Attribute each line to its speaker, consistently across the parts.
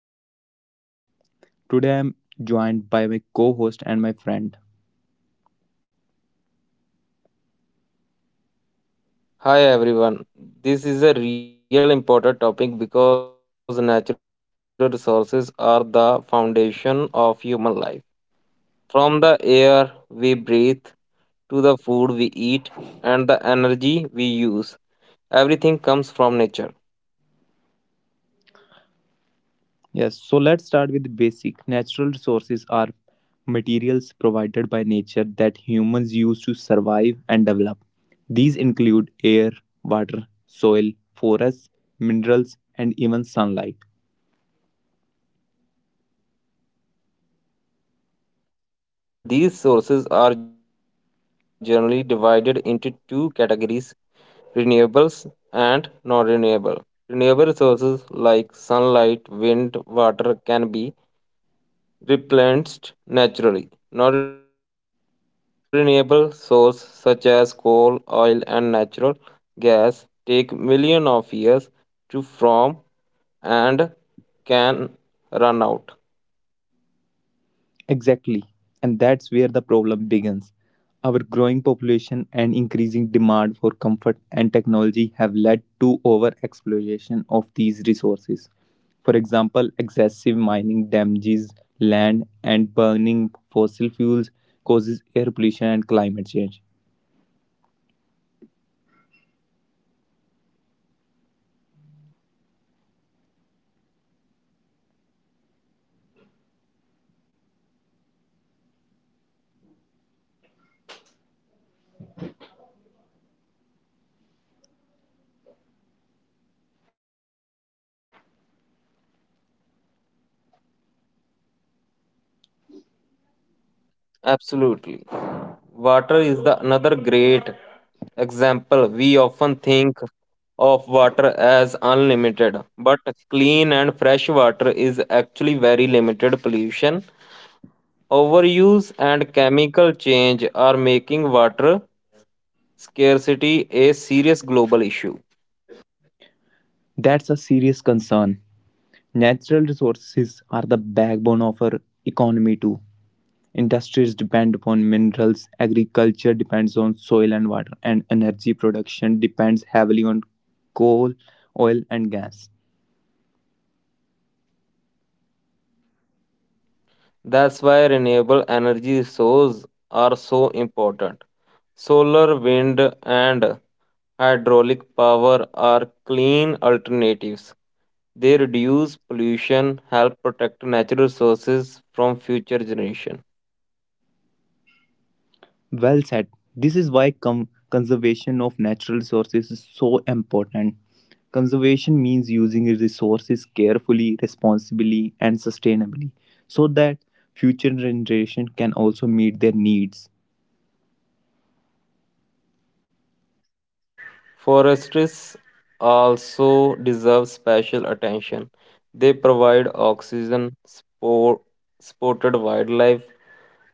Speaker 1: and our future. Today, I'm joined by my co host and my friend.
Speaker 2: Hi everyone. This is a real important topic because natural resources are the foundation of human life. From the air we breathe to the food we eat and the energy we use, everything comes from nature.
Speaker 1: Yes, so let's start with the basic. Natural resources are materials provided by nature that humans use to survive and develop. These include air, water, soil, forests, minerals, and even sunlight.
Speaker 2: Right. And these sources are generally divided into two categories, renewables and non-renewable. Renewable sources like sunlight, wind, water can be replenished naturally. Non-renewable sources such as coal, oil, and natural gas take millions of years to form and can run out.
Speaker 1: Exactly. And that's where the problem begins. Our growing population and increasing demand for comfort and technology have led to over exploitation of these resources. For example, excessive mining damages land and burning fossil fuels causes air pollution and climate change.
Speaker 2: Absolutely. Water is the another great example. We often think of water as unlimited, but clean and fresh water is actually very limited. Pollution, overuse and chemical change are making water scarcity a serious global issue.
Speaker 1: That's a serious concern. Natural resources are the backbone of our economy too. Industries depend upon minerals, agriculture depends on soil and water, and energy production depends heavily on coal, oil, and gas.
Speaker 2: That's why renewable energy sources are so important. Solar, wind, and hydraulic power are clean alternatives. They reduce pollution, help protect natural resources from future generations.
Speaker 1: Well said. This is why conservation of natural resources is so important. Conservation means using resources carefully, responsibly, and sustainably so that future generations can also meet their needs.
Speaker 2: Forests also deserve special attention. They provide oxygen, sport, spotted wildlife,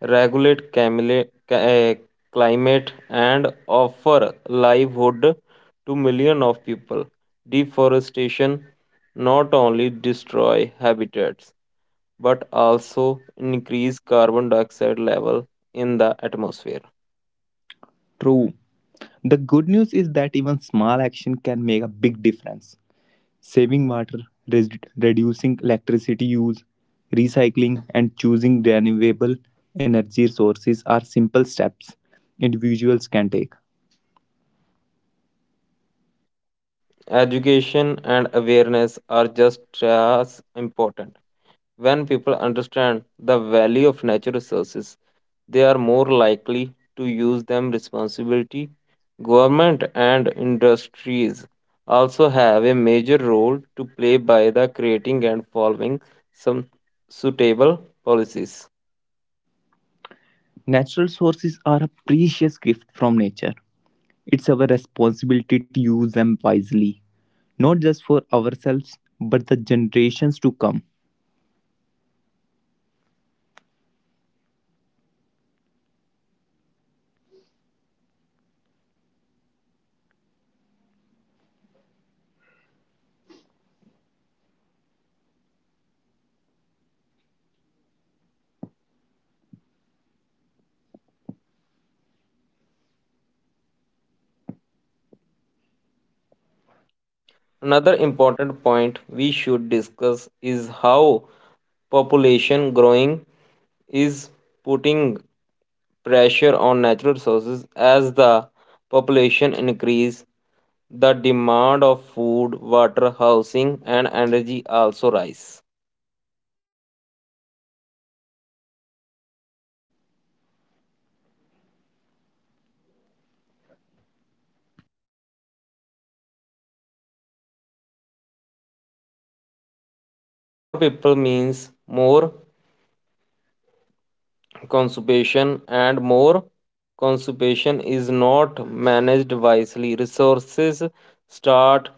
Speaker 2: regulate climate, and offer livelihood to millions of people. Deforestation not only destroy habitats but also increase carbon dioxide level in the atmosphere.
Speaker 1: True. The good news is that even small action can make a big difference. Saving water, reducing electricity use, recycling, and choosing renewable energy sources are simple steps individuals can take.
Speaker 2: Education and awareness are just as important. When people understand the value of natural resources, they are more likely to use them responsibility. Government and industries also have a major role to play by the creating and following some suitable policies.
Speaker 1: Natural sources are a precious gift from nature. It's our responsibility to use them wisely, not just for ourselves, but the generations to come.
Speaker 2: Another important point we should discuss is how population growing is putting pressure on natural resources. As the population increase, the demand of food, water, housing and energy also rise. More people means more consumption, and more consumption is not managed wisely. Resources start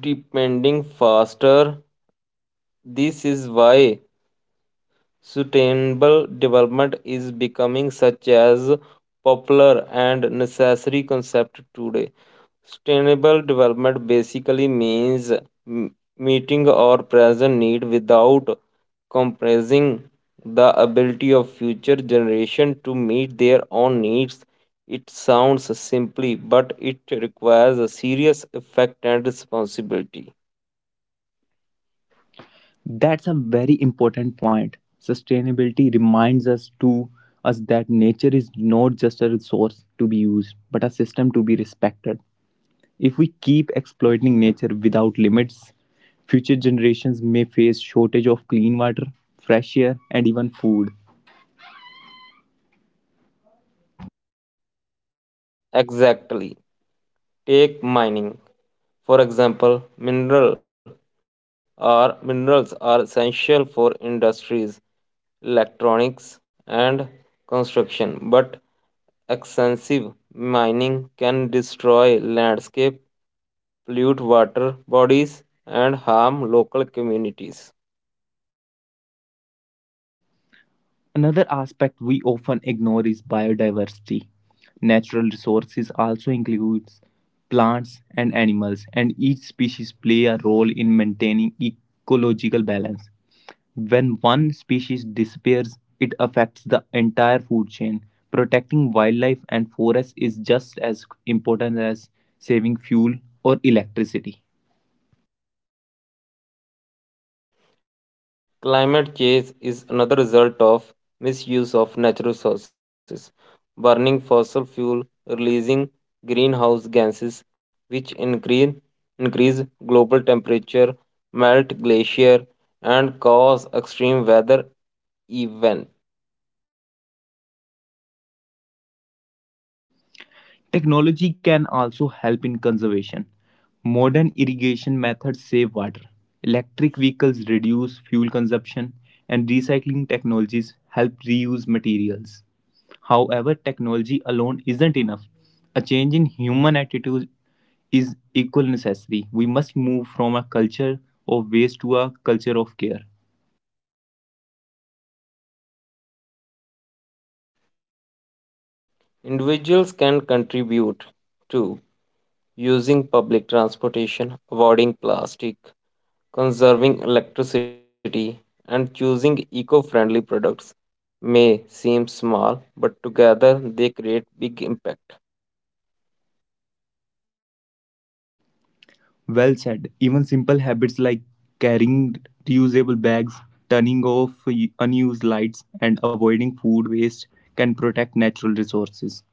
Speaker 2: depending faster. This is why sustainable development is becoming such as popular and necessary concept today. Sustainable development basically means meeting our present need without compromising the ability of future generation to meet their own needs. It sounds simply, but it requires a serious effect and responsibility.
Speaker 1: That's a very important point. Sustainability reminds us to us that nature is not just a resource to be used, but a system to be respected. If we keep exploiting nature without limits, future generations may face shortage of clean water, fresh air, and even food.
Speaker 2: Exactly. Take mining. For example, mineral minerals are essential for industries, electronics and construction, but extensive mining can destroy landscape, pollute water bodies and harm local communities.
Speaker 1: Another aspect we often ignore is biodiversity. Natural resources also includes plants and animals and each species play a role in maintaining ecological balance. When one species disappears, it affects the entire food chain. Protecting wildlife and forests is just as important as saving fuel or electricity.
Speaker 2: Climate change is another result of misuse of natural resources, burning fossil fuel, releasing greenhouse gases, which increase global temperature, melt glacier, and cause extreme weather event.
Speaker 1: Technology can also help in conservation. Modern irrigation methods save water. Electric vehicles reduce fuel consumption, and recycling technologies help reuse materials. However, technology alone isn't enough. A change in human attitude is equally necessary. We must move from a culture of waste to a culture of care.
Speaker 2: Individuals can contribute to using public transportation, avoiding plastic, conserving electricity, and choosing eco friendly products may seem small, but together they create big impact.
Speaker 1: Well said. Even simple habits like carrying reusable bags, turning off unused lights, and avoiding food waste can protect natural resources.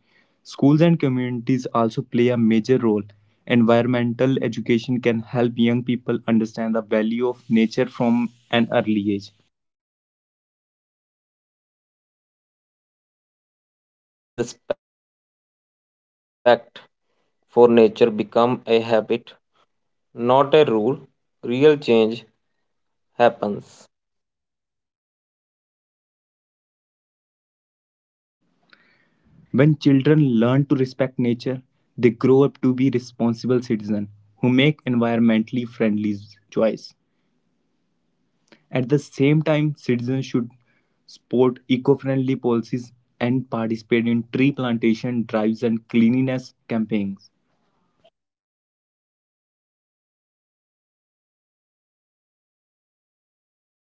Speaker 1: Schools and communities also play a major role. Environmental education can help young people understand the value of nature from an early age.
Speaker 2: Very true. When respect for nature become a habit, not change happens.
Speaker 1: When children learn to respect nature, they grow up to be responsible citizens who make environmentally friendly choice. At the same time, citizens should support eco-friendly policies and participate in tree plantation drives and cleanliness campaigns.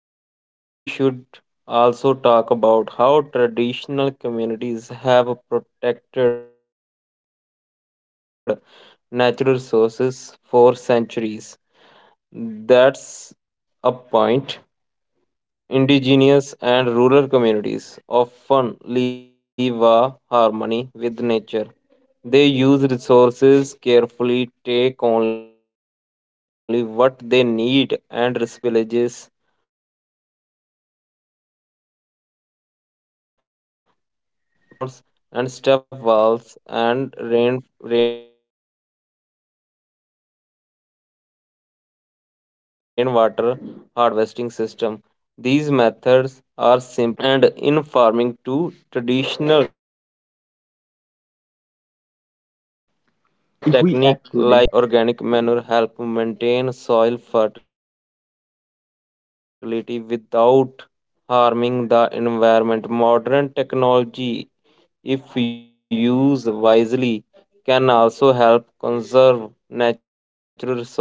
Speaker 2: I think we should also talk about how traditional communities have protected natural resources for centuries. That's a point. Indigenous and rural communities often live a harmony with nature. They use resources carefully, take only what they need, and respect natural cycle. For example, many villages practice water conservation through ponds and step wells and rainwater harvesting system. These methods are simply but very effective, and in farming too traditional technique like crop
Speaker 1: If we act
Speaker 2: rotational
Speaker 1: today,
Speaker 2: and organic. Organic manure help maintain soil fertility without harming the environment. Modern technology, if used wisely, can also help conserve natural resources.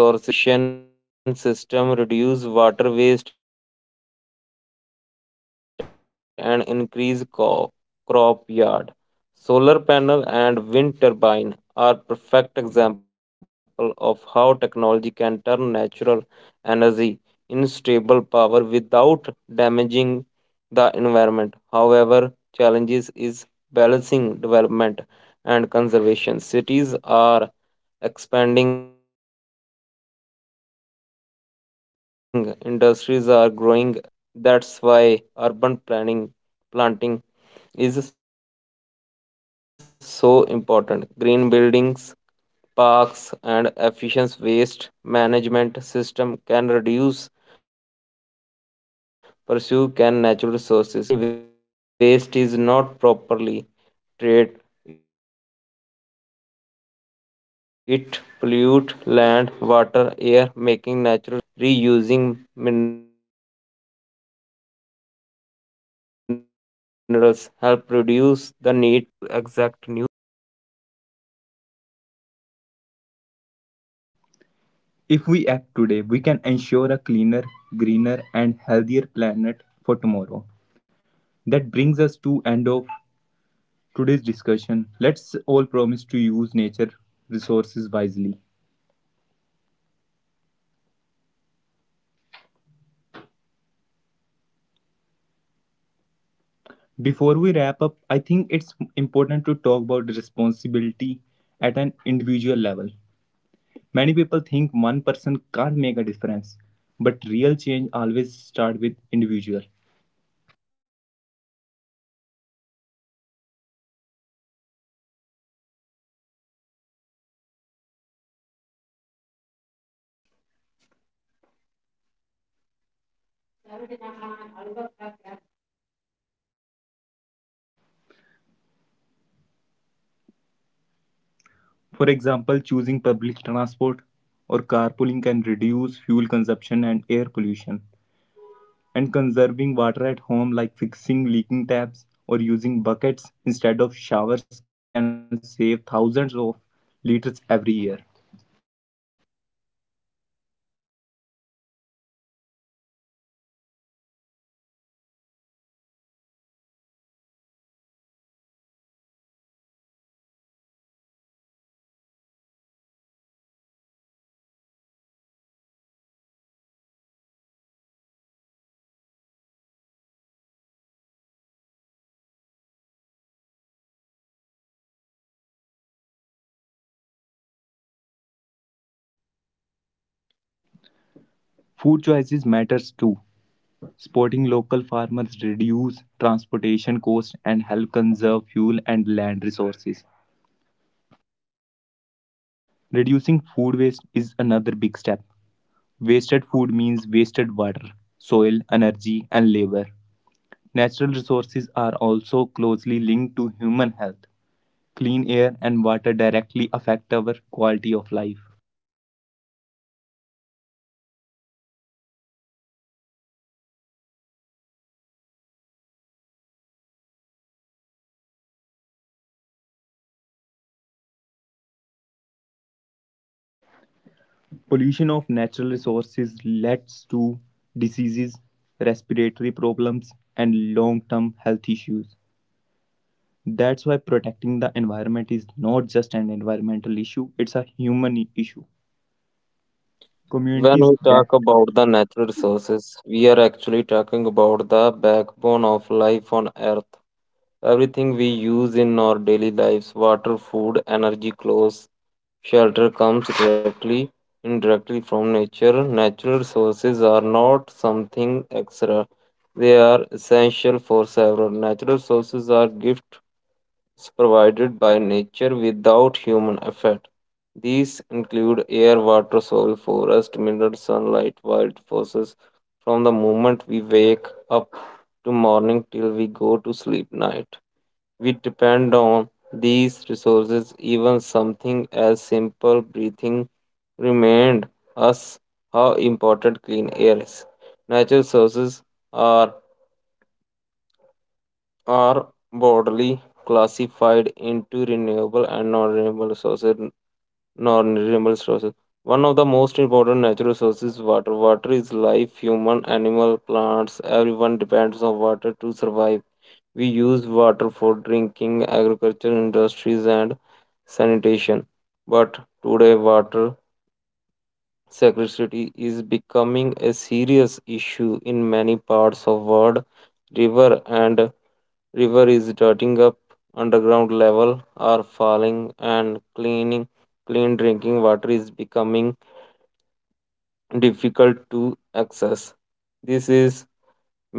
Speaker 2: Irrigation system reduce water waste and increase crop yield. Solar panel and wind turbine are perfect example of how technology can turn natural energy into stable power without damaging the environment. However, challenges is balancing development and conservation. Cities are expanding, industries are growing, and infrastructure is increasing rapidly. That's why urban planning planting is so important. Green buildings, parks, and efficient waste management system can reduce pursue can natural resources. Waste management itself is a big issue. When waste is not properly trade, it pollutes land, water, air, making natural resources unsafe to use. Recycling and reusing minerals help reduce the need.
Speaker 1: if we act today, we can ensure a cleaner, greener and healthier planet for tomorrow. That brings us to end of today's discussion. Let's all promise to use nature resources wisely. Before we wrap up, I think it's important to talk about responsibility at an individual level. Many people think one person can't make a difference, but real change always starts with individual. For example, choosing public transport or carpooling can reduce fuel consumption and air pollution. And conserving water at home, like fixing leaking taps or using buckets instead of showers, can save thousands of liters every year. Food choices matters too. Supporting local farmers reduce transportation costs and help conserve fuel and land resources. Reducing food waste is another big step. Wasted food means wasted water, soil, energy, and labor. Natural resources are also closely linked to human health. Clean air and water directly affect our quality of life. Pollution of natural resources leads to diseases, respiratory problems, and long term health issues. That's why protecting the environment is not just an environmental issue, it's a human issue.
Speaker 2: When
Speaker 1: Communities
Speaker 2: we talk
Speaker 1: that
Speaker 2: about the natural resources, we are actually talking about the backbone of life on earth. Everything we use in our daily lives, water, food, energy, clothes, shelter comes directly, indirectly from nature. Natural resources are not something extra. They are essential for several. Natural sources are gift provided by nature without human effort. These include air, water, soil, forest, mineral, sunlight, wild forces from the moment we wake up to morning till we go to sleep night. We depend on these resources. Even something as simple breathing remind us how important clean air is. Natural sources are are broadly classified into renewable and non-renewable sources. Non-renewable sources. One of the most important natural sources, is water. Water is life. Human, animal, plants, everyone depends on water to survive. We use water for drinking, agriculture, industries, and sanitation. But today, water scarcity is becoming a serious issue in many parts of world. River and river is dirtying up, underground level are falling, and clean drinking water is becoming difficult to access. This is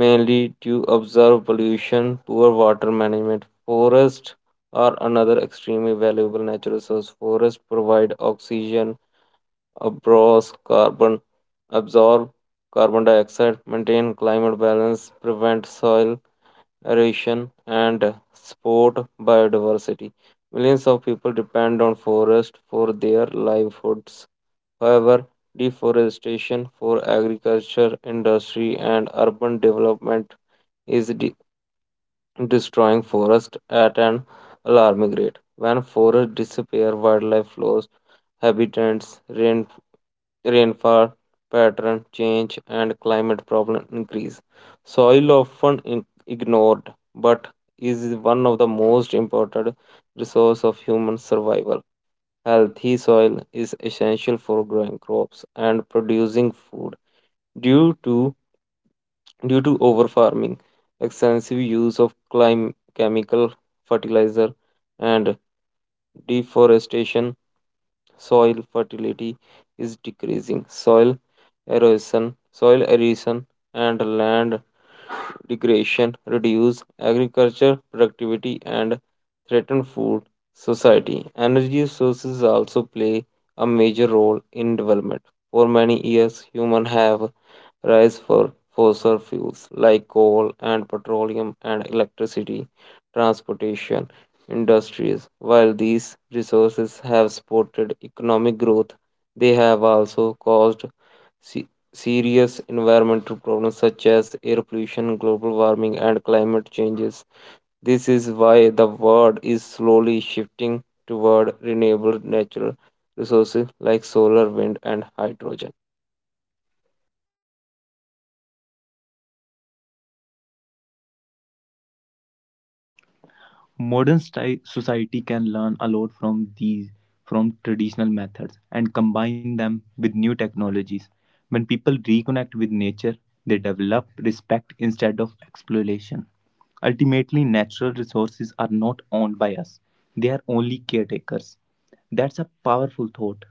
Speaker 2: mainly due observed pollution, poor water management. Forests are another extremely valuable natural resource. Forests provide oxygen, absorb carbon absorb carbon dioxide, maintain climate balance, prevent soil erosion, and sport biodiversity. Millions of people depend on forests for their livelihoods. However, deforestation for agriculture, industry, and urban development is destroying forests at an alarming rate. When forests disappear, wildlife flows habitats, rainfall pattern change, and climate problem increase. Soil often ignored, but is one of the most important resource of human survival. Healthy soil is essential for growing crops and producing food. Due to due to overfarming, extensive use of chemical fertilizer, and deforestation, soil fertility is decreasing. Soil erosion and land degradation reduce agriculture productivity and threaten food society. Energy sources also play a major role in development. For many years, humans have rise for fossil fuels like coal and petroleum and electricity, transportation, industries. While these resources have supported economic growth, they have also caused se- serious environmental problems such as air pollution, global warming, and climate changes. This is why the world is slowly shifting toward renewable natural resources like solar, wind, and hydrogen.
Speaker 1: modern society can learn a lot from these from traditional methods and combine them with new technologies. When people reconnect with nature, they develop respect instead of exploitation. Ultimately, natural resources are not owned by us. They are only caretakers. That's a powerful thought.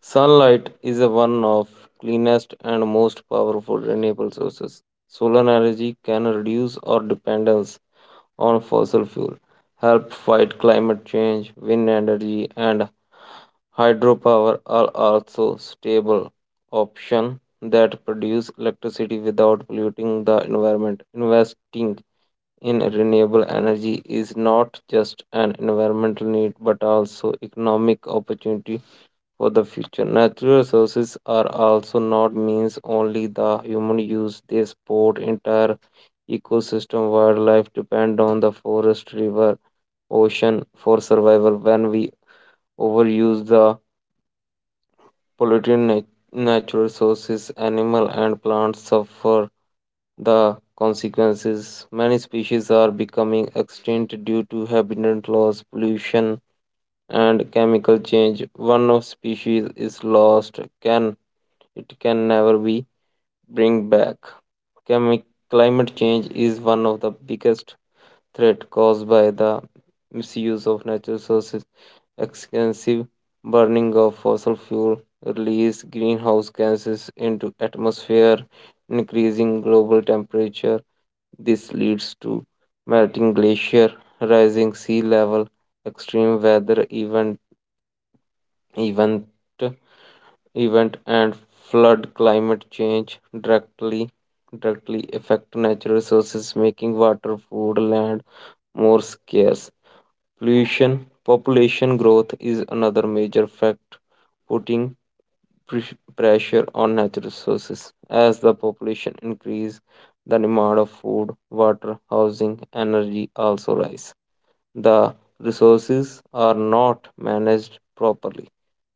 Speaker 2: Sunlight is a one of cleanest and most powerful renewable sources. Solar energy can reduce our dependence on fossil fuel, help fight climate change. Wind energy and hydropower are also stable options that produce electricity without polluting the environment. Investing in renewable energy is not just an environmental need but also economic opportunity for the future. Natural resources are also not means only the human use. They support entire ecosystem. Wildlife depend on the forest, river, ocean for survival. When we overuse the polluted natural sources, animal and plants suffer the consequences. Many species are becoming extinct due to habitat loss, pollution, and chemical change. One of species is lost can it can never be bring back. Chemi- Climate change is one of the biggest threat caused by the misuse of natural resources. Extensive burning of fossil fuel, release greenhouse gases into atmosphere, increasing global temperature. This leads to melting glacier, rising sea level, extreme weather event event and flood. Climate change directly affect natural resources, making water, food, land more scarce. Pollution, population growth is another major fact putting pressure on natural resources. As the population increase, the demand of food, water, housing, energy also rise. The resources are not managed properly.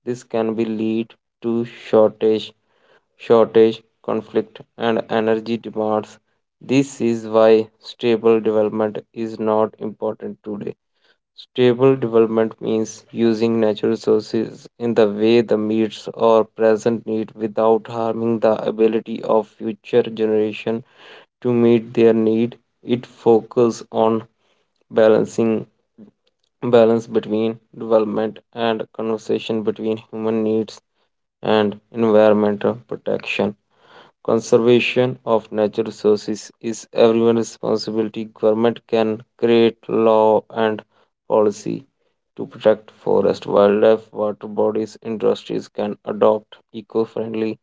Speaker 2: This can be lead to shortage, conflict, and energy demands. This is why stable development is not important today. Stable development means using natural resources in the way that meets our present need without harming the ability of future generation to meet their need. It focuses on balancing balance between development and conservation, between human needs and environmental protection. Conservation of natural resources is everyone's responsibility. Government can create law and policy to protect forest, wildlife, water bodies. Industries can adopt eco-friendly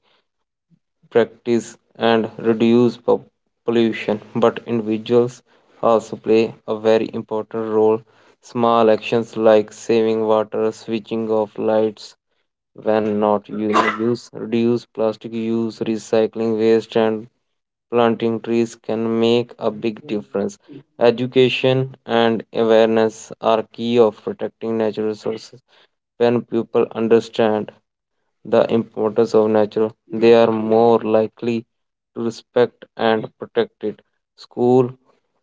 Speaker 2: practice and reduce pollution, but individuals also play a very important role. Small actions like saving water, switching off lights, when not used, use reduce plastic use, recycling waste, and planting trees can make a big difference. Education and awareness are key of protecting natural resources. When people understand the importance of nature, they are more likely to respect and protect it. School,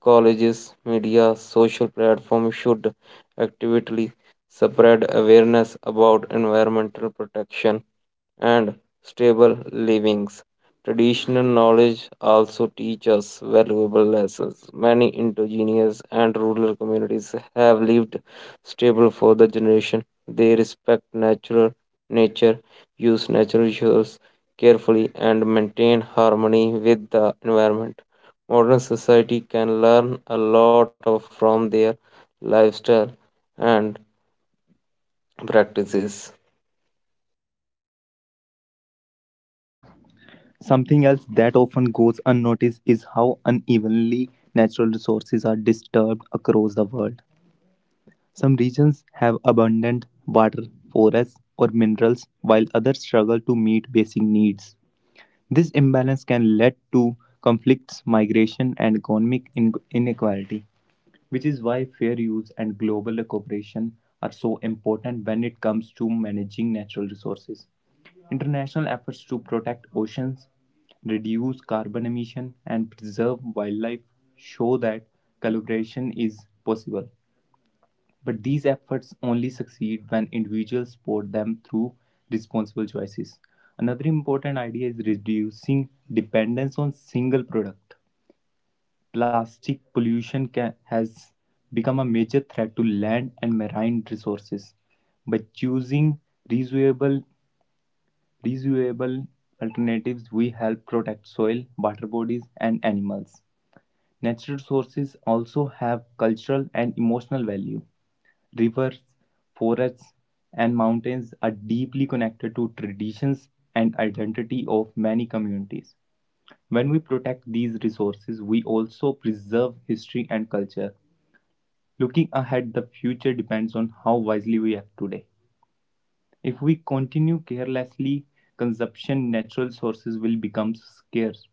Speaker 2: colleges, media, social platforms should actively spread awareness about environmental protection and stable livings. Traditional knowledge also teaches valuable lessons. Many indigenous and rural communities have lived stable for the generation. They respect natural nature, use natural resources carefully, and maintain harmony with the environment. Modern society can learn a lot of from their lifestyle and practices.
Speaker 1: Something else that often goes unnoticed is how unevenly natural resources are disturbed across the world. Some regions have abundant water, forests, or minerals, while others struggle to meet basic needs. This imbalance can lead to conflicts, migration, and economic inequality, which is why fair use and global cooperation are so important when it comes to managing natural resources. International efforts to protect oceans, reduce carbon emission, and preserve wildlife show that collaboration is possible. But these efforts only succeed when individuals support them through responsible choices. Another important idea is reducing dependence on single product. Plastic pollution has become a major threat to land and marine resources. By choosing reusable, reusable alternatives, we help protect soil, water bodies, and animals. Natural resources also have cultural and emotional value. Rivers, forests, and mountains are deeply connected to traditions and identity of many communities. When we protect these resources, we also preserve history and culture. Looking ahead, the future depends on how wisely we act today. If we continue carelessly, consumption natural sources will become scarce.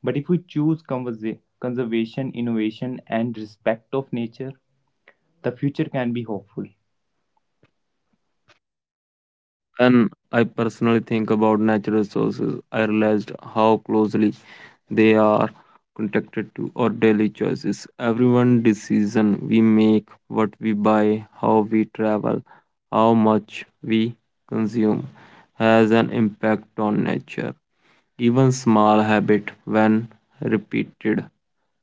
Speaker 1: But if we choose conservation, innovation, and respect of nature, the future can be hopeful.
Speaker 2: When I personally think about natural resources, I realized how closely they are connected to our daily choices. Everyone decision we make, what we buy, how we travel, how much we consume has an impact on nature. Even small habit when repeated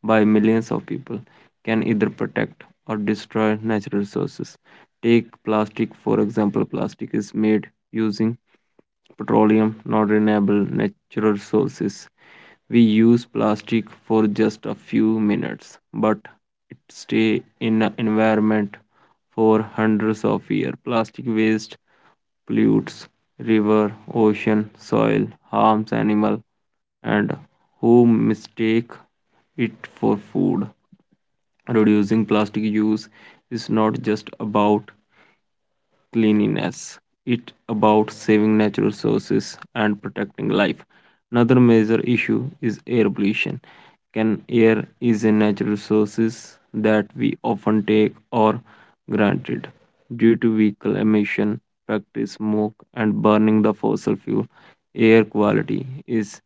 Speaker 2: by millions of people, can either protect or destroy natural resources. Take plastic, for example. Plastic is made using petroleum, not renewable natural sources. We use plastic for just a few minutes, but it stay in the environment for hundreds of years. Plastic waste pollutes river, ocean, soil, harms animal, and who mistake it for food. Reducing plastic use is not just about cleanliness. It's about saving natural resources and protecting life. Another major issue is air pollution. Can air is a natural resources that we often take or granted due to vehicle emission, factory smoke, and burning the fossil fuel. Air quality is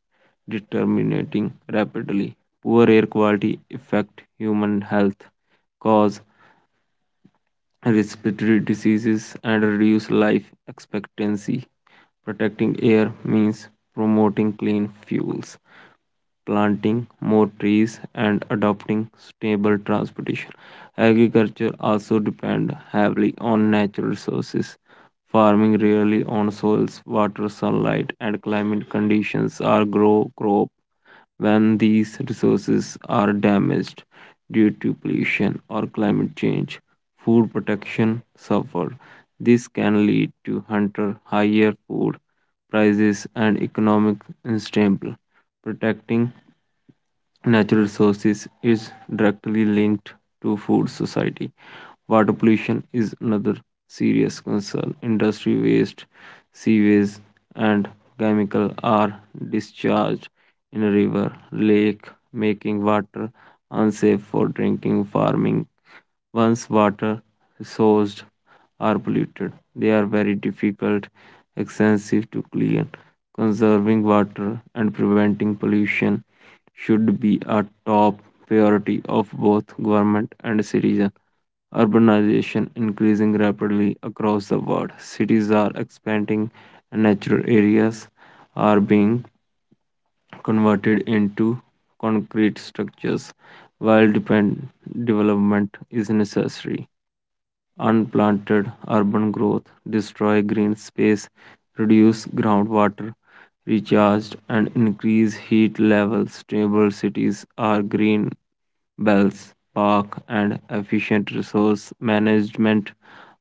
Speaker 2: deteriorating rapidly. Poor air quality affect human health, cause respiratory diseases, and reduce life expectancy. Protecting air means promoting clean fuels planting more trees and adopting stable transportation. Agriculture also depend heavily on natural resources. Farming rarely on soils, water, sunlight, and climate conditions are grow crop when these resources are damaged due to pollution or climate change, food protection suffer. This can lead to hunter higher food prices and economic instability. Protecting natural resources is directly linked to food society. Water pollution is another serious concern. Industry waste, sewage, and chemical are discharged in a river, lake, making water unsafe for drinking, farming, once water sourced are polluted, they are very difficult, expensive to clean. Conserving water and preventing pollution should be a top priority of both government and citizens. Urbanization increasing rapidly across the world. Cities are expanding and natural areas are being converted into concrete structures while development is necessary. Unplanted urban growth destroy green space, reduce groundwater recharged, and increase heat levels. Stable cities are green Wells, park, and efficient resource management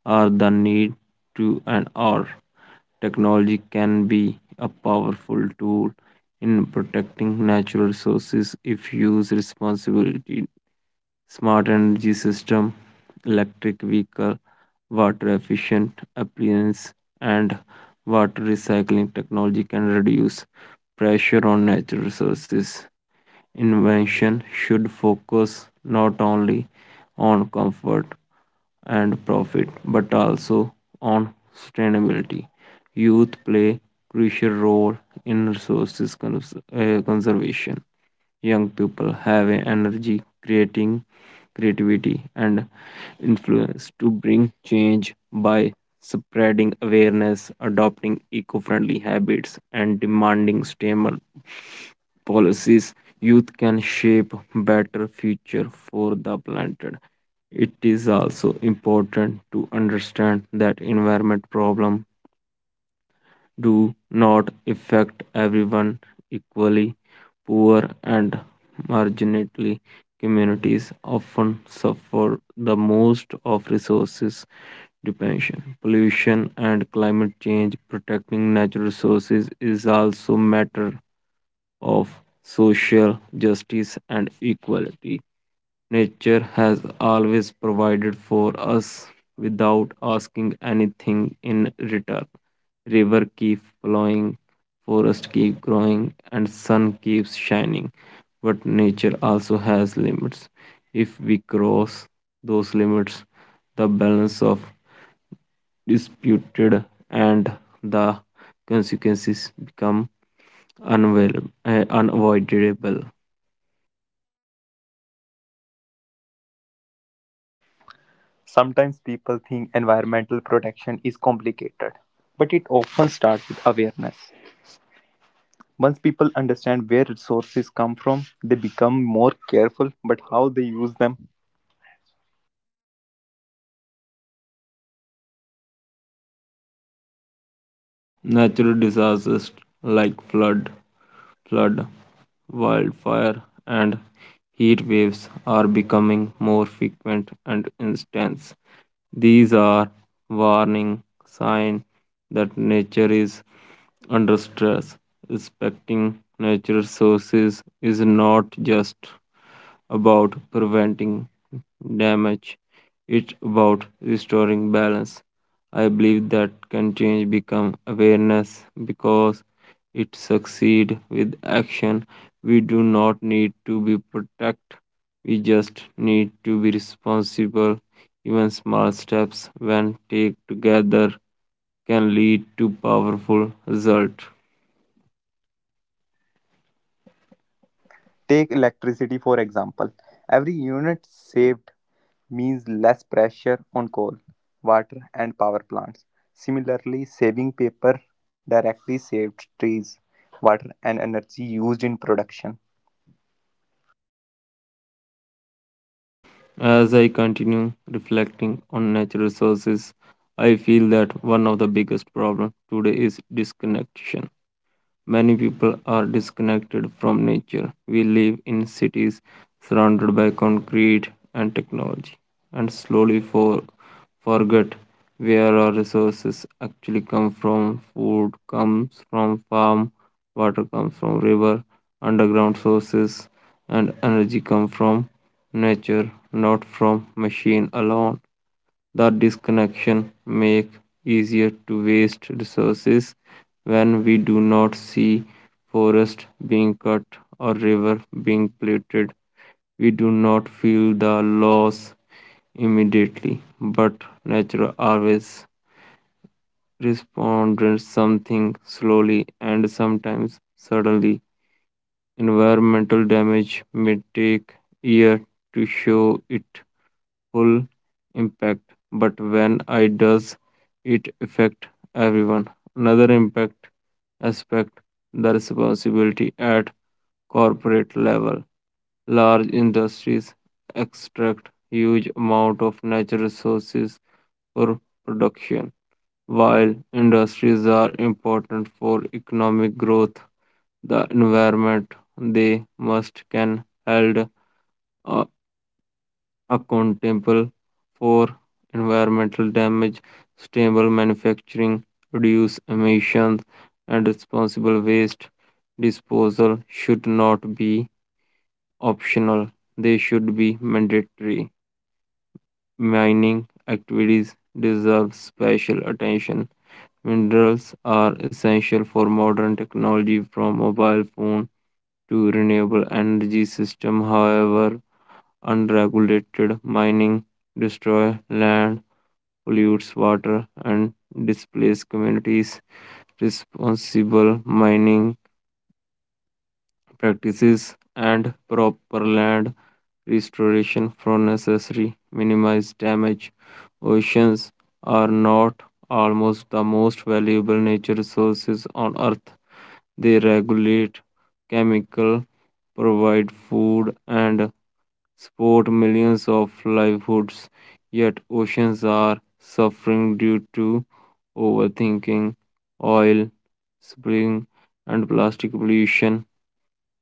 Speaker 2: are the need to and are. Technology can be a powerful tool in protecting natural resources if used responsibly. Smart energy system, electric vehicle, water efficient appliance, and water recycling technology can reduce pressure on natural resources invention should focus not only on comfort and profit but also on sustainability. Youth play crucial role in resources conservation. Young people have a energy creating creativity and influence to bring change by spreading awareness, adopting eco-friendly habits and demanding stimulus policies, youth can shape better future for the planet. It is also important to understand that environment problems do not affect everyone equally. Poor and marginally communities often suffer the most of resources depletion, pollution, and climate change. Protecting natural resources is also matter of social justice and equality. Nature has always provided for us without asking anything in return. River keep flowing, forest keep growing, and sun keeps shining. But nature also has limits. If we cross those limits, the balance of disputed and the consequences become unavoidable.
Speaker 1: Sometimes people think environmental protection is complicated, but it often starts with awareness. Once people understand where resources come from, they become more careful about how they use them.
Speaker 2: Natural disasters like flood, wildfire, and heat waves are becoming more frequent and intense. These are warning signs that nature is under stress. Respecting natural sources is not just about preventing damage, it's about restoring balance. I believe that can change become awareness because it succeed with action. We do not need to be protect. We just need to be responsible. Even small steps when taken together can lead to powerful result.
Speaker 1: Take electricity for example. Every unit saved means less pressure on coal, water, and power plants. Similarly, saving paper directly saved trees, water, and energy used in production.
Speaker 2: As I continue reflecting on natural resources, I feel that one of the biggest problems today is disconnection. Many people are disconnected from nature. We live in cities surrounded by concrete and technology and forget where our resources actually come from. Food comes from farm, water comes from river, underground sources and energy come from nature, not from machine alone. The disconnection make easier to waste resources when we do not see forest being cut or river being polluted. We do not feel the loss immediately, but nature always responds something slowly and sometimes suddenly. Environmental damage may take years to show it full impact but when I does it affect everyone another impact aspect the responsibility at corporate level large industries extract huge amount of natural resources for production while industries are important for economic growth the environment they must can held accountable for environmental damage, sustainable manufacturing, reduce emissions, and responsible waste disposal should not be optional. They should be mandatory. Mining activities deserve special attention. Minerals are essential for modern technology from mobile phone to renewable energy system. However, unregulated mining destroy land pollutes water and displaces communities. Responsible mining practices and proper land restoration from necessary minimize damage. Oceans are not almost the most valuable nature resources on earth. They regulate chemical, provide food and sport millions of livelihoods, yet oceans are suffering due to overthinking, oil spilling, and plastic pollution.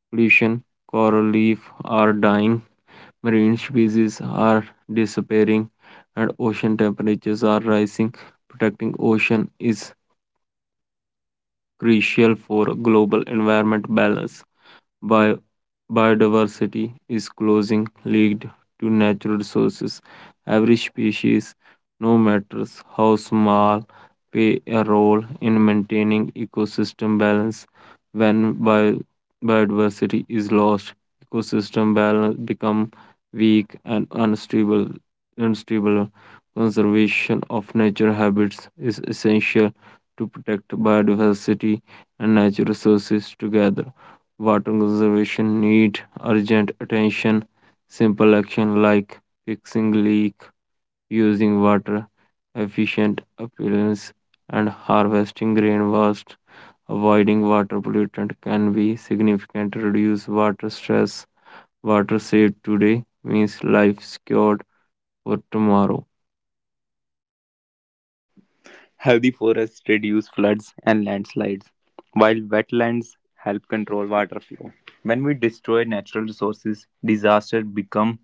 Speaker 2: Pollution, coral reef are dying, marine species are disappearing, and ocean temperatures are rising. Protecting ocean is crucial for global environment balance. Bio- Biodiversity is closing leaked to natural resources. Every species, no matter how small, play a role in maintaining ecosystem balance. When biodiversity is lost, ecosystem balance become weak and unstable. Unstable conservation of nature habits is essential to protect biodiversity and natural resources together. Water conservation need urgent attention. Simple action like fixing leak, using water efficient appearance, and harvesting rainwater, avoiding water pollutant can be significant reduce water stress. Water saved today means life secured for tomorrow.
Speaker 1: Healthy forests reduce floods and landslides, while wetlands help control water flow. When we destroy natural resources, disasters become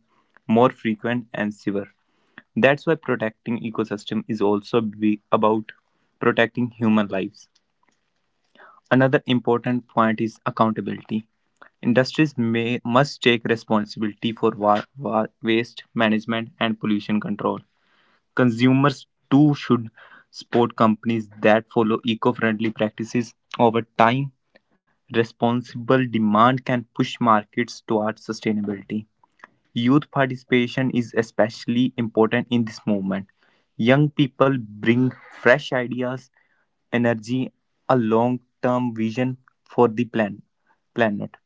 Speaker 1: more frequent and severe. That's why protecting ecosystem is also be about protecting human lives. Another important point is accountability. Industries may must take responsibility for waste management and pollution control. Consumers too should support companies that follow eco-friendly practices. Over time, responsible demand can push markets towards sustainability. Youth participation is especially important in this movement. Young people bring fresh ideas, energy, a long-term vision for the planet.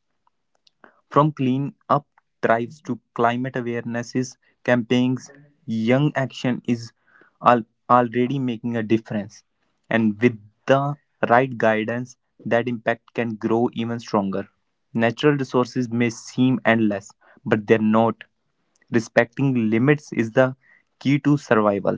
Speaker 1: From clean up drives to climate awarenesses campaigns, young action is al- already making a difference. And with the right guidance, that impact can grow even stronger. Natural resources may seem endless, but they're not. Respecting limits is the key to survival.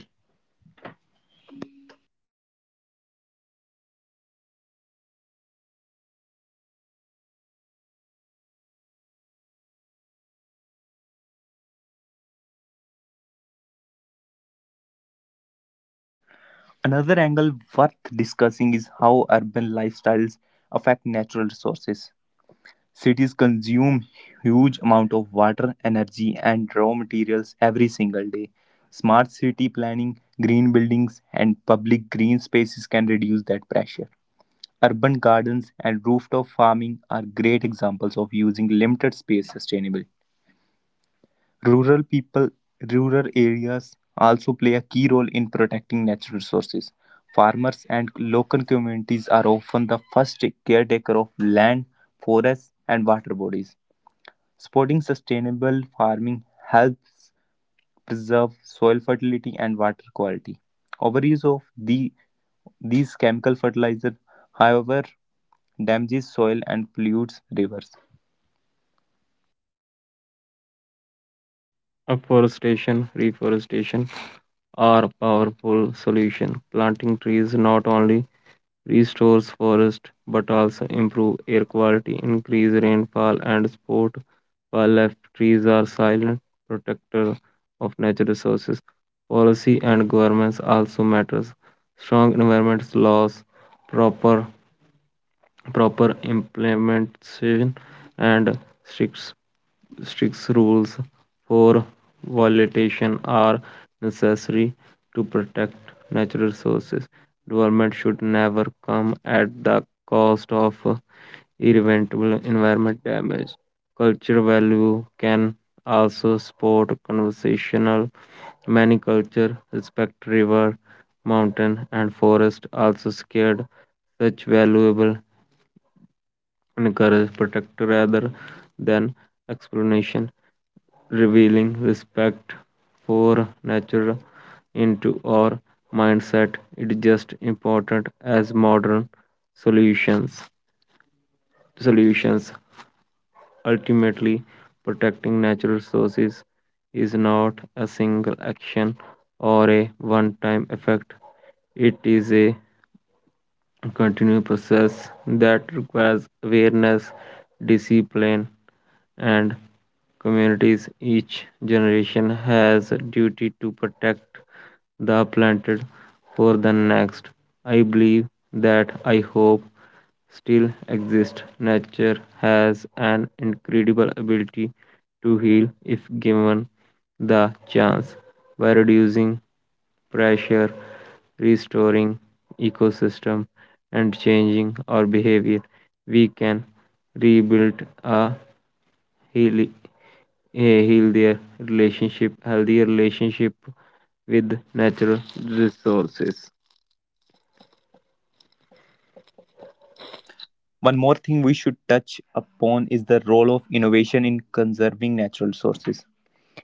Speaker 1: Another angle worth discussing is how urban lifestyles affect natural resources. Cities consume huge amount of water, energy and raw materials every single day. Smart city planning, green buildings and public green spaces can reduce that pressure. Urban gardens and rooftop farming are great examples of using limited space sustainably. Rural people, rural areas also play a key role in protecting natural resources. Farmers and local communities are often the first caretaker of land, forests, and water bodies. Supporting sustainable farming helps preserve soil fertility and water quality. Overuse of these chemical fertilizer, however, damages soil and pollutes rivers.
Speaker 2: Afforestation, reforestation are powerful solution. Planting trees not only restores forest but also improve air quality, increase rainfall and support wildlife. Trees are silent protector of natural resources. Policy and governments also matters. Strong environment laws, proper proper implementation and strict strict rules for violation are necessary to protect natural resources. Development should never come at the cost of irreversible environment damage. Cultural value can also support conversational. Many culture respect river, mountain, and forest. Also scared such valuable encourages protect rather than explanation, revealing respect for nature into our mindset. It just important as modern solutions. Solutions ultimately protecting natural resources is not a single action or a one-time effect. It is a continued process that requires awareness, discipline, and communities. Each generation has a duty to protect the planted for the next. I believe that I hope still exist. Nature has an incredible ability to heal if given the chance by reducing pressure, restoring ecosystem and changing our behavior, we can rebuild heal, a healthier relationship with natural resources.
Speaker 1: One more thing we should touch upon is the role of innovation in conserving natural sources.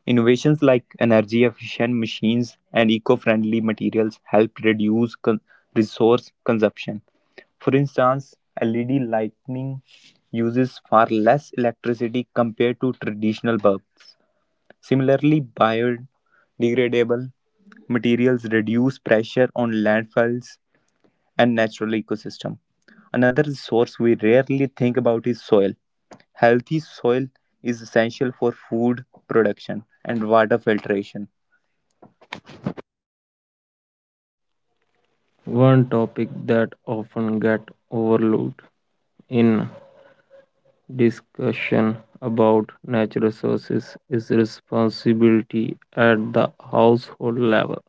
Speaker 1: Innovations like energy efficient machines and eco friendly materials help reduce resource consumption. For instance, LED lighting uses far less electricity compared to traditional bulbs. Similarly, biodegradable materials reduce pressure on landfills and natural ecosystem. Another resource we rarely think about is soil. Healthy soil is essential for food production and water filtration.
Speaker 2: One topic that often get overlooked in discussion about natural resources is responsibility at the household level.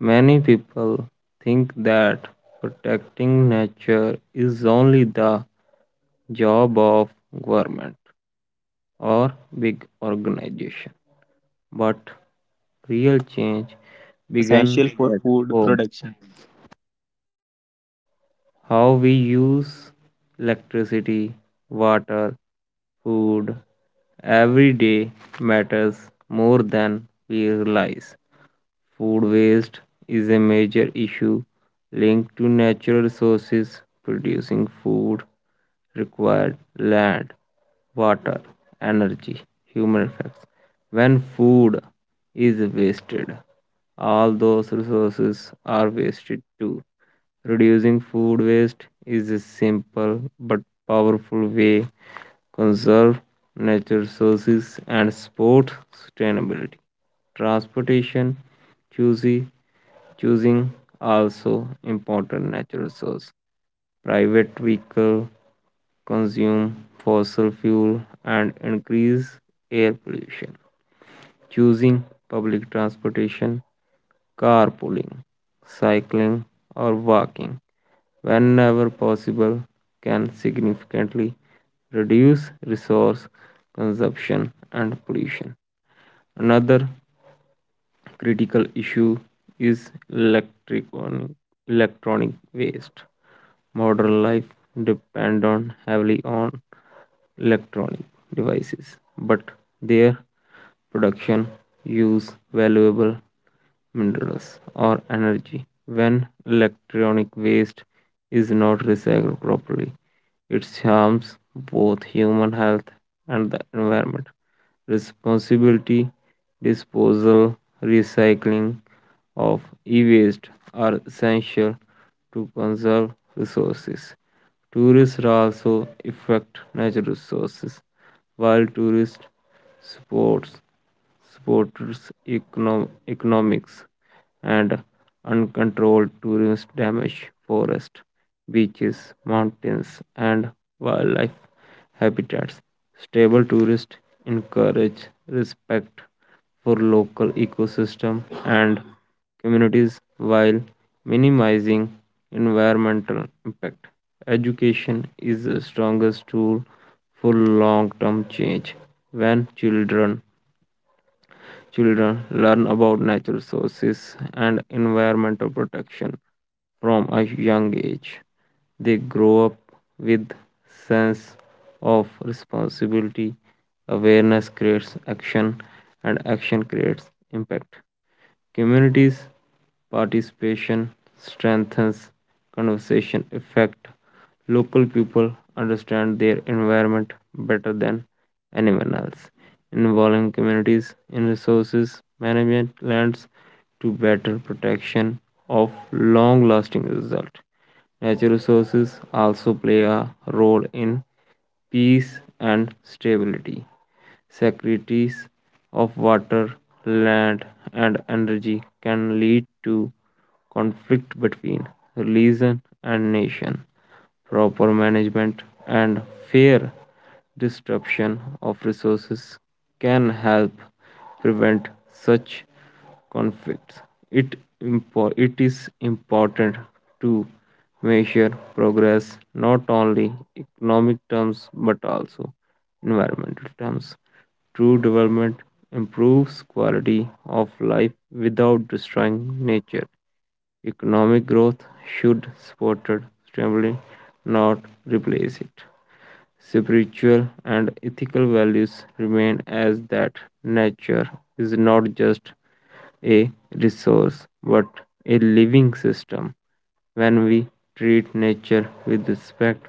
Speaker 2: Many people think that protecting nature is only the job of government or big organization. But real change
Speaker 1: Healthy soil is
Speaker 2: began
Speaker 1: essential for
Speaker 2: at
Speaker 1: food
Speaker 2: home.
Speaker 1: production.
Speaker 2: How we use electricity, water, food every day matters more than we realize. Food waste is a major issue linked to natural resources. Producing food required land, water, energy, human effects. When food is wasted, all those resources are wasted too. Reducing food waste is a simple but powerful way conserve natural resources and support sustainability. Transportation, choosing choosing also important natural resource. Private vehicle consume fossil fuel and increase air pollution. Choosing public transportation, carpooling, cycling or walking whenever possible, can significantly reduce resource consumption and pollution. Another critical issue is electric electronic waste. Modern life depend on heavily on electronic devices, but their production use valuable minerals, or energy. When electronic waste is not recycled properly, it harms both human health and the environment. Responsibility, disposal, recycling of e waste are essential to conserve resources. Tourists also affect natural resources while tourist sports sports econo- economics, and uncontrolled tourism damage forests, beaches, mountains, and wildlife habitats. Stable tourists encourage respect for local ecosystem and communities while minimizing environmental impact. Education is the strongest tool for long term change. When children Children learn about natural sources and environmental protection from a young age. They grow up with sense of responsibility. Awareness creates action and action creates impact. Communities' participation strengthens conservation effect. Local people understand their environment better than anyone else. Involving communities in resources management lands to better protection of long lasting result. Natural resources also play a role in peace and stability. Securities of water, land, and energy can lead to conflict between religion and nation. Proper management and fair distribution of resources can help prevent such conflicts. It, it is important to measure progress not only economic terms but also environmental terms. True development improves quality of life without destroying nature. Economic growth should support it, stably, not replace it spiritual and ethical values remain as that nature is not just a resource but a living system. When we treat nature with respect,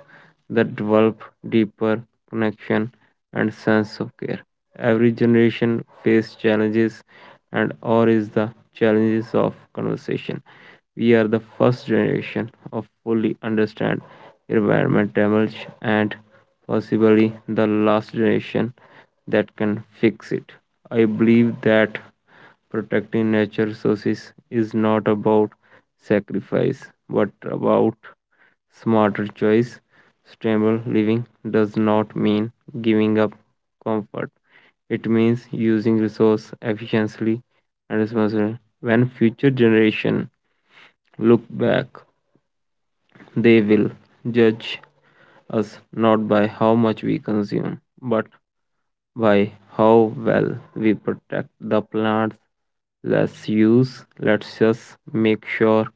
Speaker 2: that develop deeper connection and sense of care. Every generation faces challenges and or is the challenges of conversation. We are the first generation of fully understand environment damage and possibly the last generation that can fix it. I believe that protecting nature sources is not about sacrifice but about smarter choice. Sustainable living does not mean giving up comfort. It means using resource efficiently and responsibly. When future generation look back they will judge us not by how much we consume, but by how well we protect the plants. Let's just make sure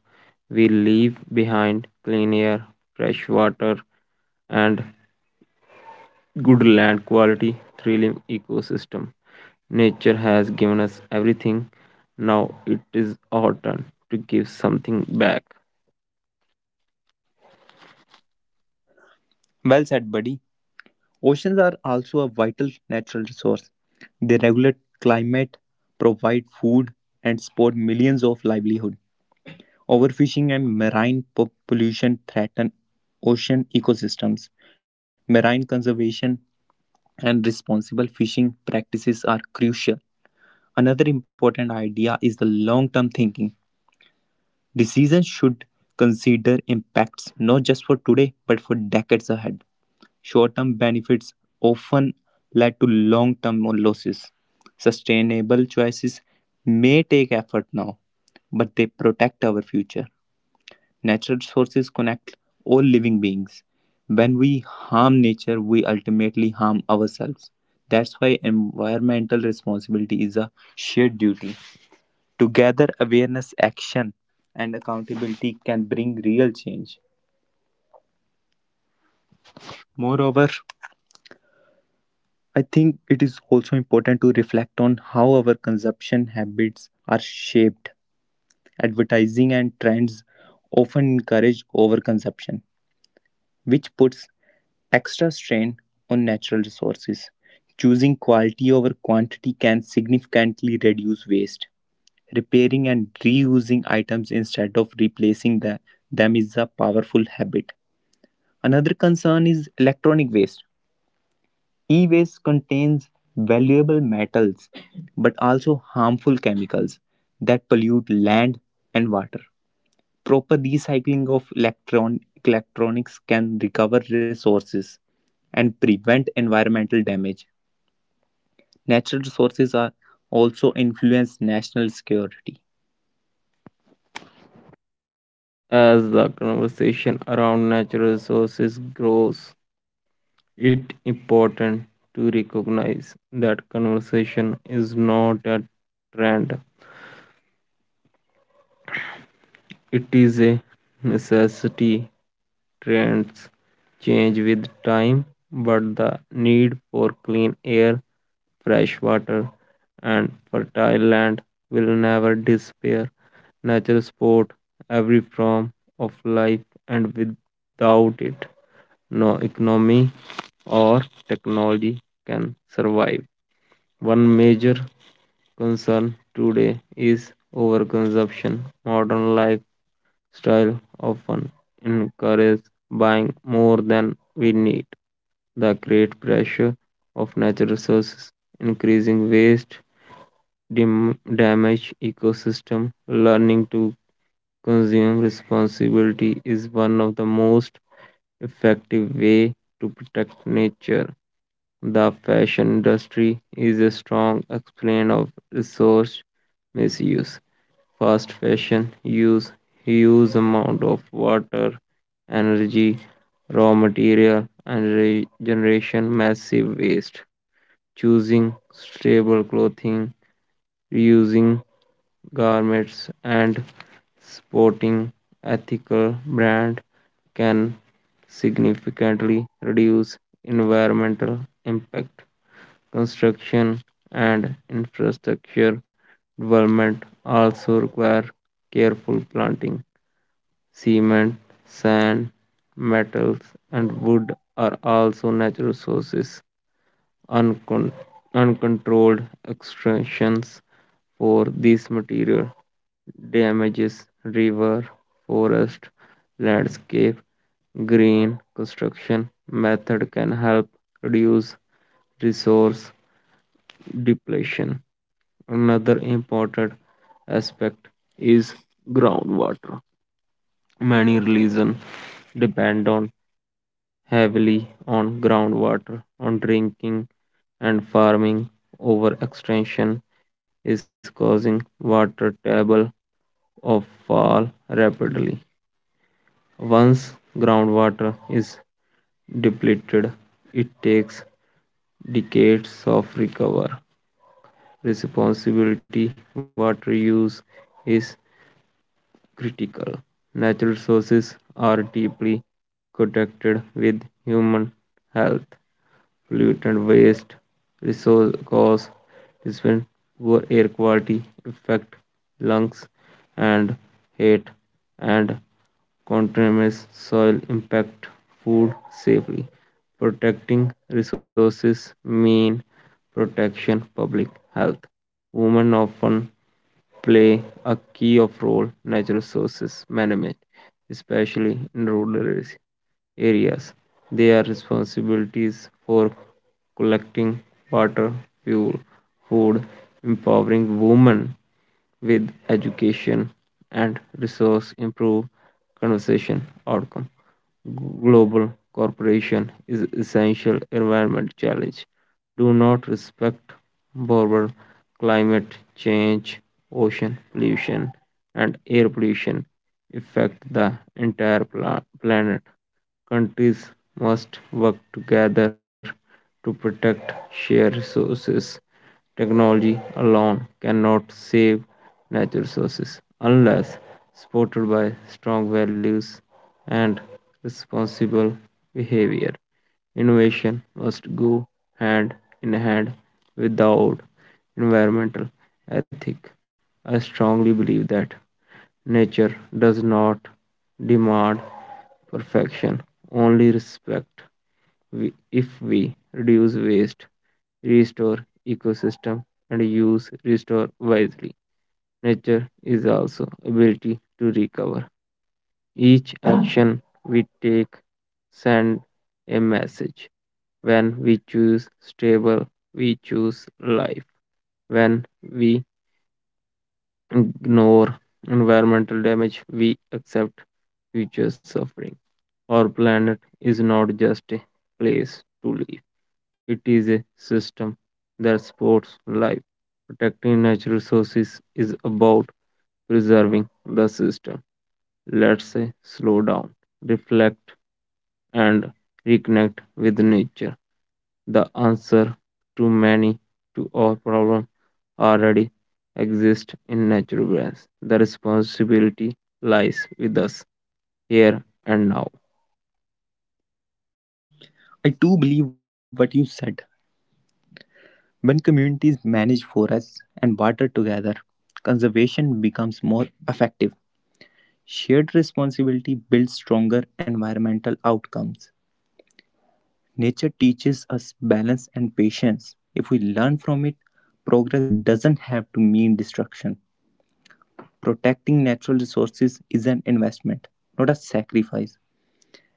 Speaker 2: we leave behind clean air, fresh water, and good land quality, thrilling ecosystem. Nature has given us everything. Now it is our turn to give something back.
Speaker 1: Well said, buddy. Oceans are also a vital natural resource. They regulate climate, provide food, and support millions of livelihoods. Overfishing and marine pollution threaten ocean ecosystems. Marine conservation and responsible fishing practices are crucial. Another important idea is the long term thinking. Decisions should consider impacts not just for today but for decades ahead. Short term benefits often lead to long term losses. Sustainable choices may take effort now, but they protect our future. Natural resources connect all living beings. When we harm nature, we ultimately harm ourselves. That's why environmental responsibility is a shared duty. Together, awareness, action, and accountability can bring real change. Moreover, I think it is also important to reflect on how our consumption habits are shaped. Advertising and trends often encourage overconsumption, which puts extra strain on natural resources. Choosing quality over quantity can significantly reduce waste. Repairing and reusing items instead of replacing them is a powerful habit. Another concern is electronic waste. E waste contains valuable metals but also harmful chemicals that pollute land and water. Proper recycling of electronics can recover resources and prevent environmental damage. Natural resources are also influence national security.
Speaker 2: As the conversation around natural resources grows, it's important to recognize that conversation is not a trend. It is a necessity. Trends change with time, but the need for clean air, fresh water, and fertile land will never disappear. Nature support every form of life, and without it, no economy or technology can survive. One major concern today is overconsumption. Modern lifestyle often encourages buying more than we need. The great pressure of natural resources, increasing waste, damage ecosystem, learning to consume responsibility is one of the most effective way to protect nature. The fashion industry is a strong explain of resource misuse. Fast fashion use huge amount of water, energy, raw material, and generation massive waste. Choosing stable clothing, reusing garments, and sporting ethical brand can significantly reduce environmental impact. Construction and infrastructure development also require careful planting. Cement, sand, metals, and wood are also natural sources. Uncon- uncontrolled extractions for these material damages river, forest, landscape. Green construction method can help reduce resource depletion. Another important aspect is groundwater. Many religions depend on heavily on groundwater, on drinking and farming. Overextension is causing water table of fall rapidly. Once groundwater is depleted, it takes decades of recover. Responsibility water use is critical. Natural sources are deeply connected with human health. Polluted waste, resource cause, discipline, poor air quality affect lungs and heart, and contaminates soil impact food safely. Protecting resources mean protection public health. Women often play a key of role in natural resources management, especially in rural areas. They are responsibilities for collecting water, fuel, food, empowering women with education and resource improve conversation outcome global cooperation is essential environment challenge do not respect border climate change ocean pollution and air pollution affect the entire planet countries must work together to protect shared resources. Technology alone cannot save natural resources unless supported by strong values and responsible behavior. Innovation must go hand in hand without environmental ethic. I strongly believe that nature does not demand perfection, only respect. If we reduce waste, restore ecosystem and use restore wisely. Nature is also ability to recover. Each action we take send a message. When we choose stable, we choose life. When we ignore environmental damage, we accept future suffering. Our planet is not just a place to live, it is a system that supports life. Protecting natural resources is about preserving the system. Let's say slow down, reflect, and reconnect with nature. The answer to many to our problem already exist in natural balance. The responsibility lies with us here and now.
Speaker 1: I do believe what you said. When communities manage forests and water together, conservation becomes more effective. Shared responsibility builds stronger environmental outcomes. Nature teaches us balance and patience. If we learn from it, progress doesn't have to mean destruction. Protecting natural resources is an investment, not a sacrifice.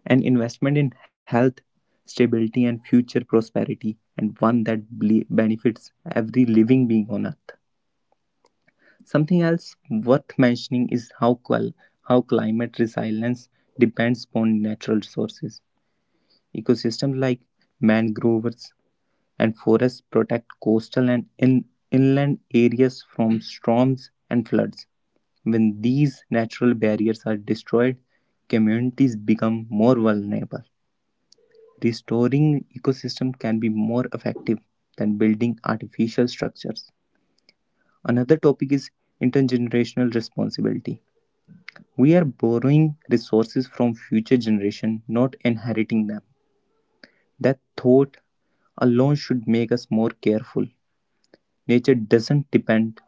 Speaker 1: An investment in health, stability, and future prosperity, and one that benefits every living being on earth. Something else worth mentioning is how climate resilience depends upon natural resources. Ecosystems like mangroves and forests protect coastal and inland areas from storms and floods. When these natural barriers are destroyed, communities become more vulnerable. Restoring ecosystem can be more effective than building artificial structures. Another topic is intergenerational responsibility. We are borrowing resources from future generations, not inheriting them. That thought alone should make us more careful. Nature doesn't depend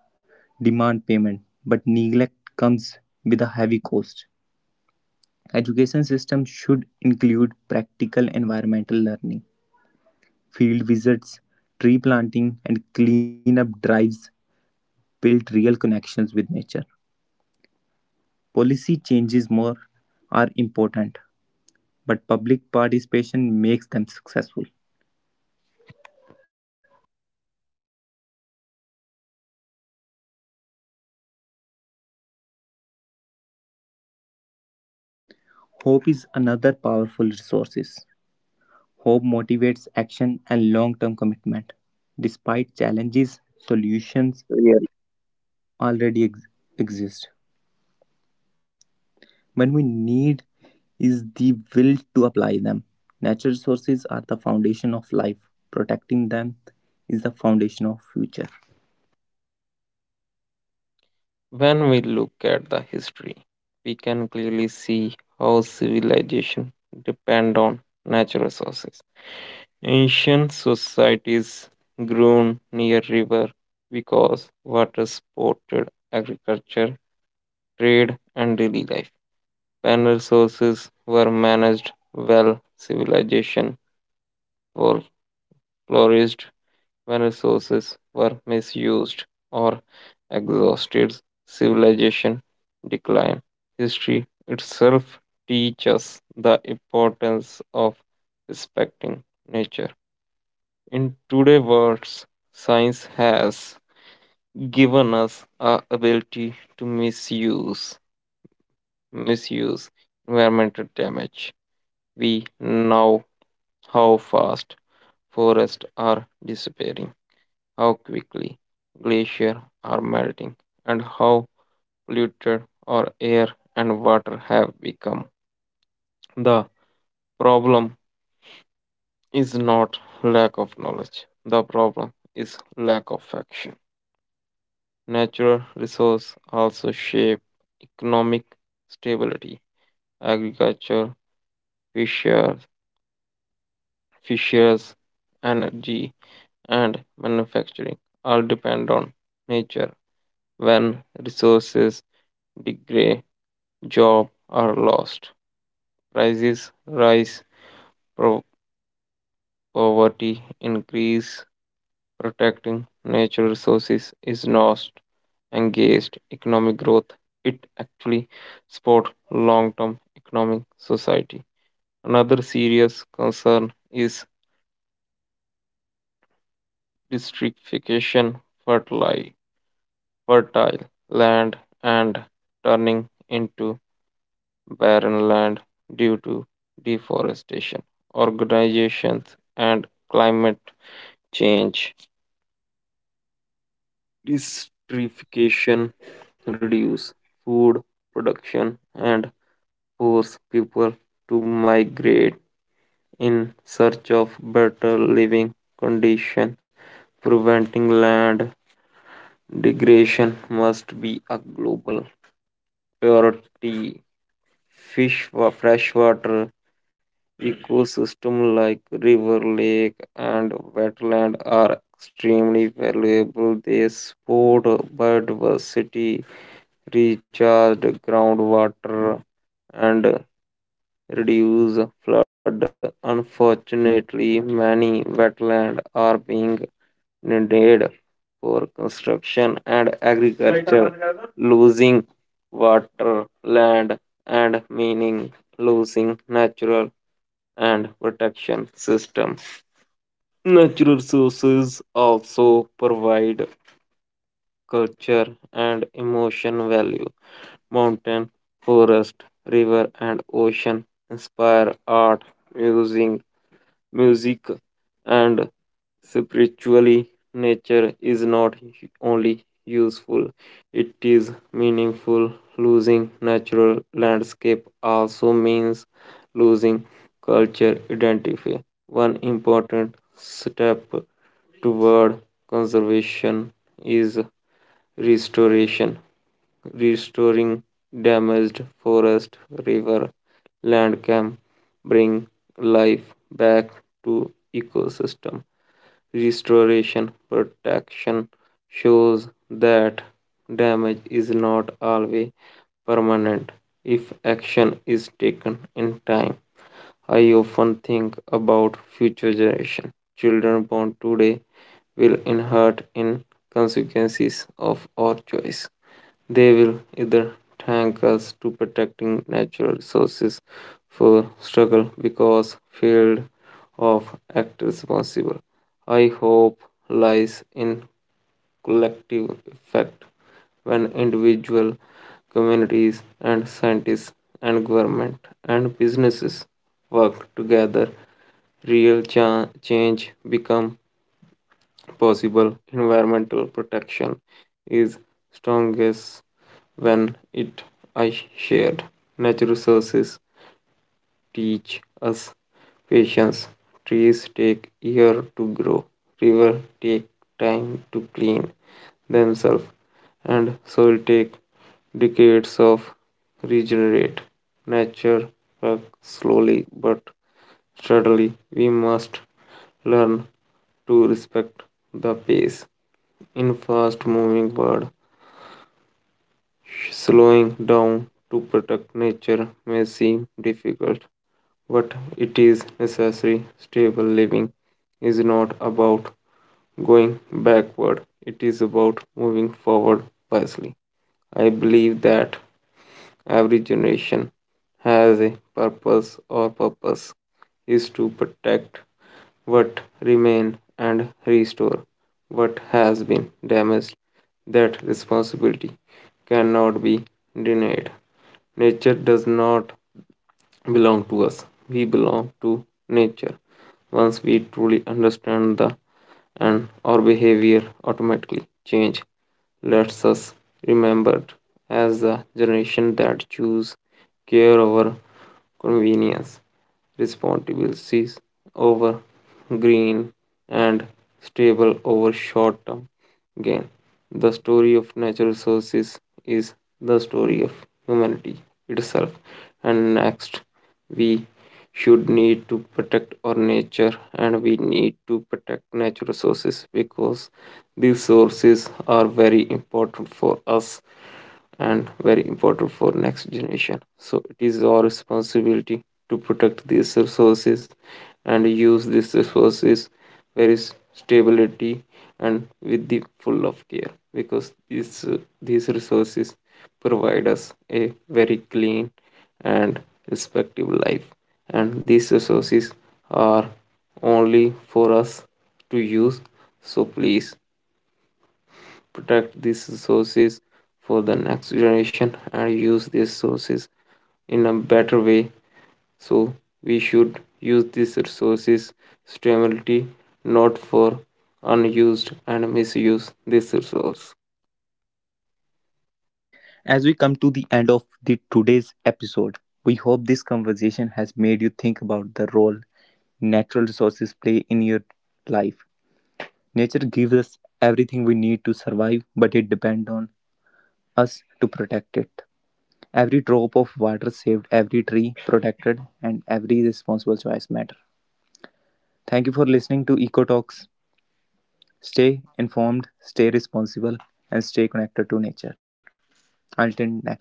Speaker 1: demand payment, but neglect comes with a heavy cost. Education system should include practical environmental learning. Field visits, tree planting and cleanup drives build real connections with nature. Policy changes more are important, but public participation makes them successful.
Speaker 2: when we look at history.
Speaker 1: Hope is another powerful resource. Hope motivates action and long
Speaker 2: When
Speaker 1: term
Speaker 2: we look
Speaker 1: commitment.
Speaker 2: at history,
Speaker 1: Despite
Speaker 2: we
Speaker 1: challenges,
Speaker 2: can
Speaker 1: solutions
Speaker 2: clearly
Speaker 1: already exist.
Speaker 2: we
Speaker 1: When we
Speaker 2: can clearly
Speaker 1: need
Speaker 2: see
Speaker 1: is the will to apply them. Natural resources are the foundation of life. Protecting them is the foundation of future.
Speaker 2: when we look at the history, we can clearly see how civilization depend on natural resources. Ancient societies grew near river because water supported agriculture, trade, and daily life. When resources were managed well, civilization for flourished when resources were misused or exhausted. Civilization declined. History itself teaches the importance of respecting nature. In today's world, science has given us a ability to misuse environmental damage. We know how fast forests are disappearing how quickly glaciers are melting and how polluted our air and water have become. The problem is not lack of knowledge, the problem is lack of action. Natural resources also shape economic stability. Agriculture, fishers, fishers, energy, and manufacturing all depend on nature. When resources degrade, jobs are lost, prices rise, pro- poverty increase, protecting natural resources is not engaged economic growth. It actually support long-term economic society. Another serious concern is distrification, fertile, fertile land and turning into barren land due to deforestation, organizations and climate change, desertification, reduce food production, and force people to migrate in search of better living conditions. Preventing land degradation must be a global priority. Fish, freshwater ecosystem like river, lake, and wetland are extremely valuable. They support biodiversity recharge groundwater and reduce flood. Unfortunately, many wetlands are being needed for construction and agriculture, losing water, land, and meaning, losing natural and protection system. Natural resources also provide culture and emotion value. Mountain, forest, river, and ocean inspire art, using music, and spiritually. Nature is not only useful, it is meaningful. Losing natural landscape also means losing culture identity. One important step toward conservation is restoration restoring damaged forest, river, land can bring life back to ecosystem. Restoration protection shows that damage is not always permanent if action is taken in time. I often think about future generation. Children born today will inherit in consequences of our choice. They will either thank us to protecting natural resources for struggle because field of act responsible. I hope lies in collective effect when individual communities and scientists and government and businesses work together real change become possible environmental protection is strongest when it are shared natural resources teach us patience. Trees take years to grow, rivers take time to clean themselves, and soil take decades of regenerate. Nature works slowly but steadily. We must learn to respect the pace in fast moving world. Slowing down to protect nature may seem difficult, but it is necessary. Stable living is not about going backward, it is about moving forward wisely. I believe that every generation has a purpose. Our purpose is to protect what remain and restore what has been damaged. That responsibility cannot be denied. Nature does not belong to us. We belong to nature. Once we truly understand the and our behavior automatically change. Let's us remembered as the generation that choose care over convenience, responsibilities over green and stable over short term gain. The story of natural resources is the story of humanity itself. And next we should need to protect our nature and we need to protect natural resources because these sources are very important for us and very important for next generation, so it is our responsibility to protect these resources and use these resources very stability and with the full of care because these resources provide us a very clean and respective life and these resources are only for us to use, so please protect these resources for the next generation and use these resources in a better way, so we should use these resources sustainably, not for unused and misuse this resource.
Speaker 1: As we come to the end of the today's episode, we hope this conversation has made you think about the role natural resources play in your life. Nature gives us everything we need to survive, but it depends on us to protect it. Every drop of water saved, every tree protected, and every responsible choice matter. Thank you for listening to Eco Talks. Stay informed, stay responsible, and stay connected to nature. Until next time.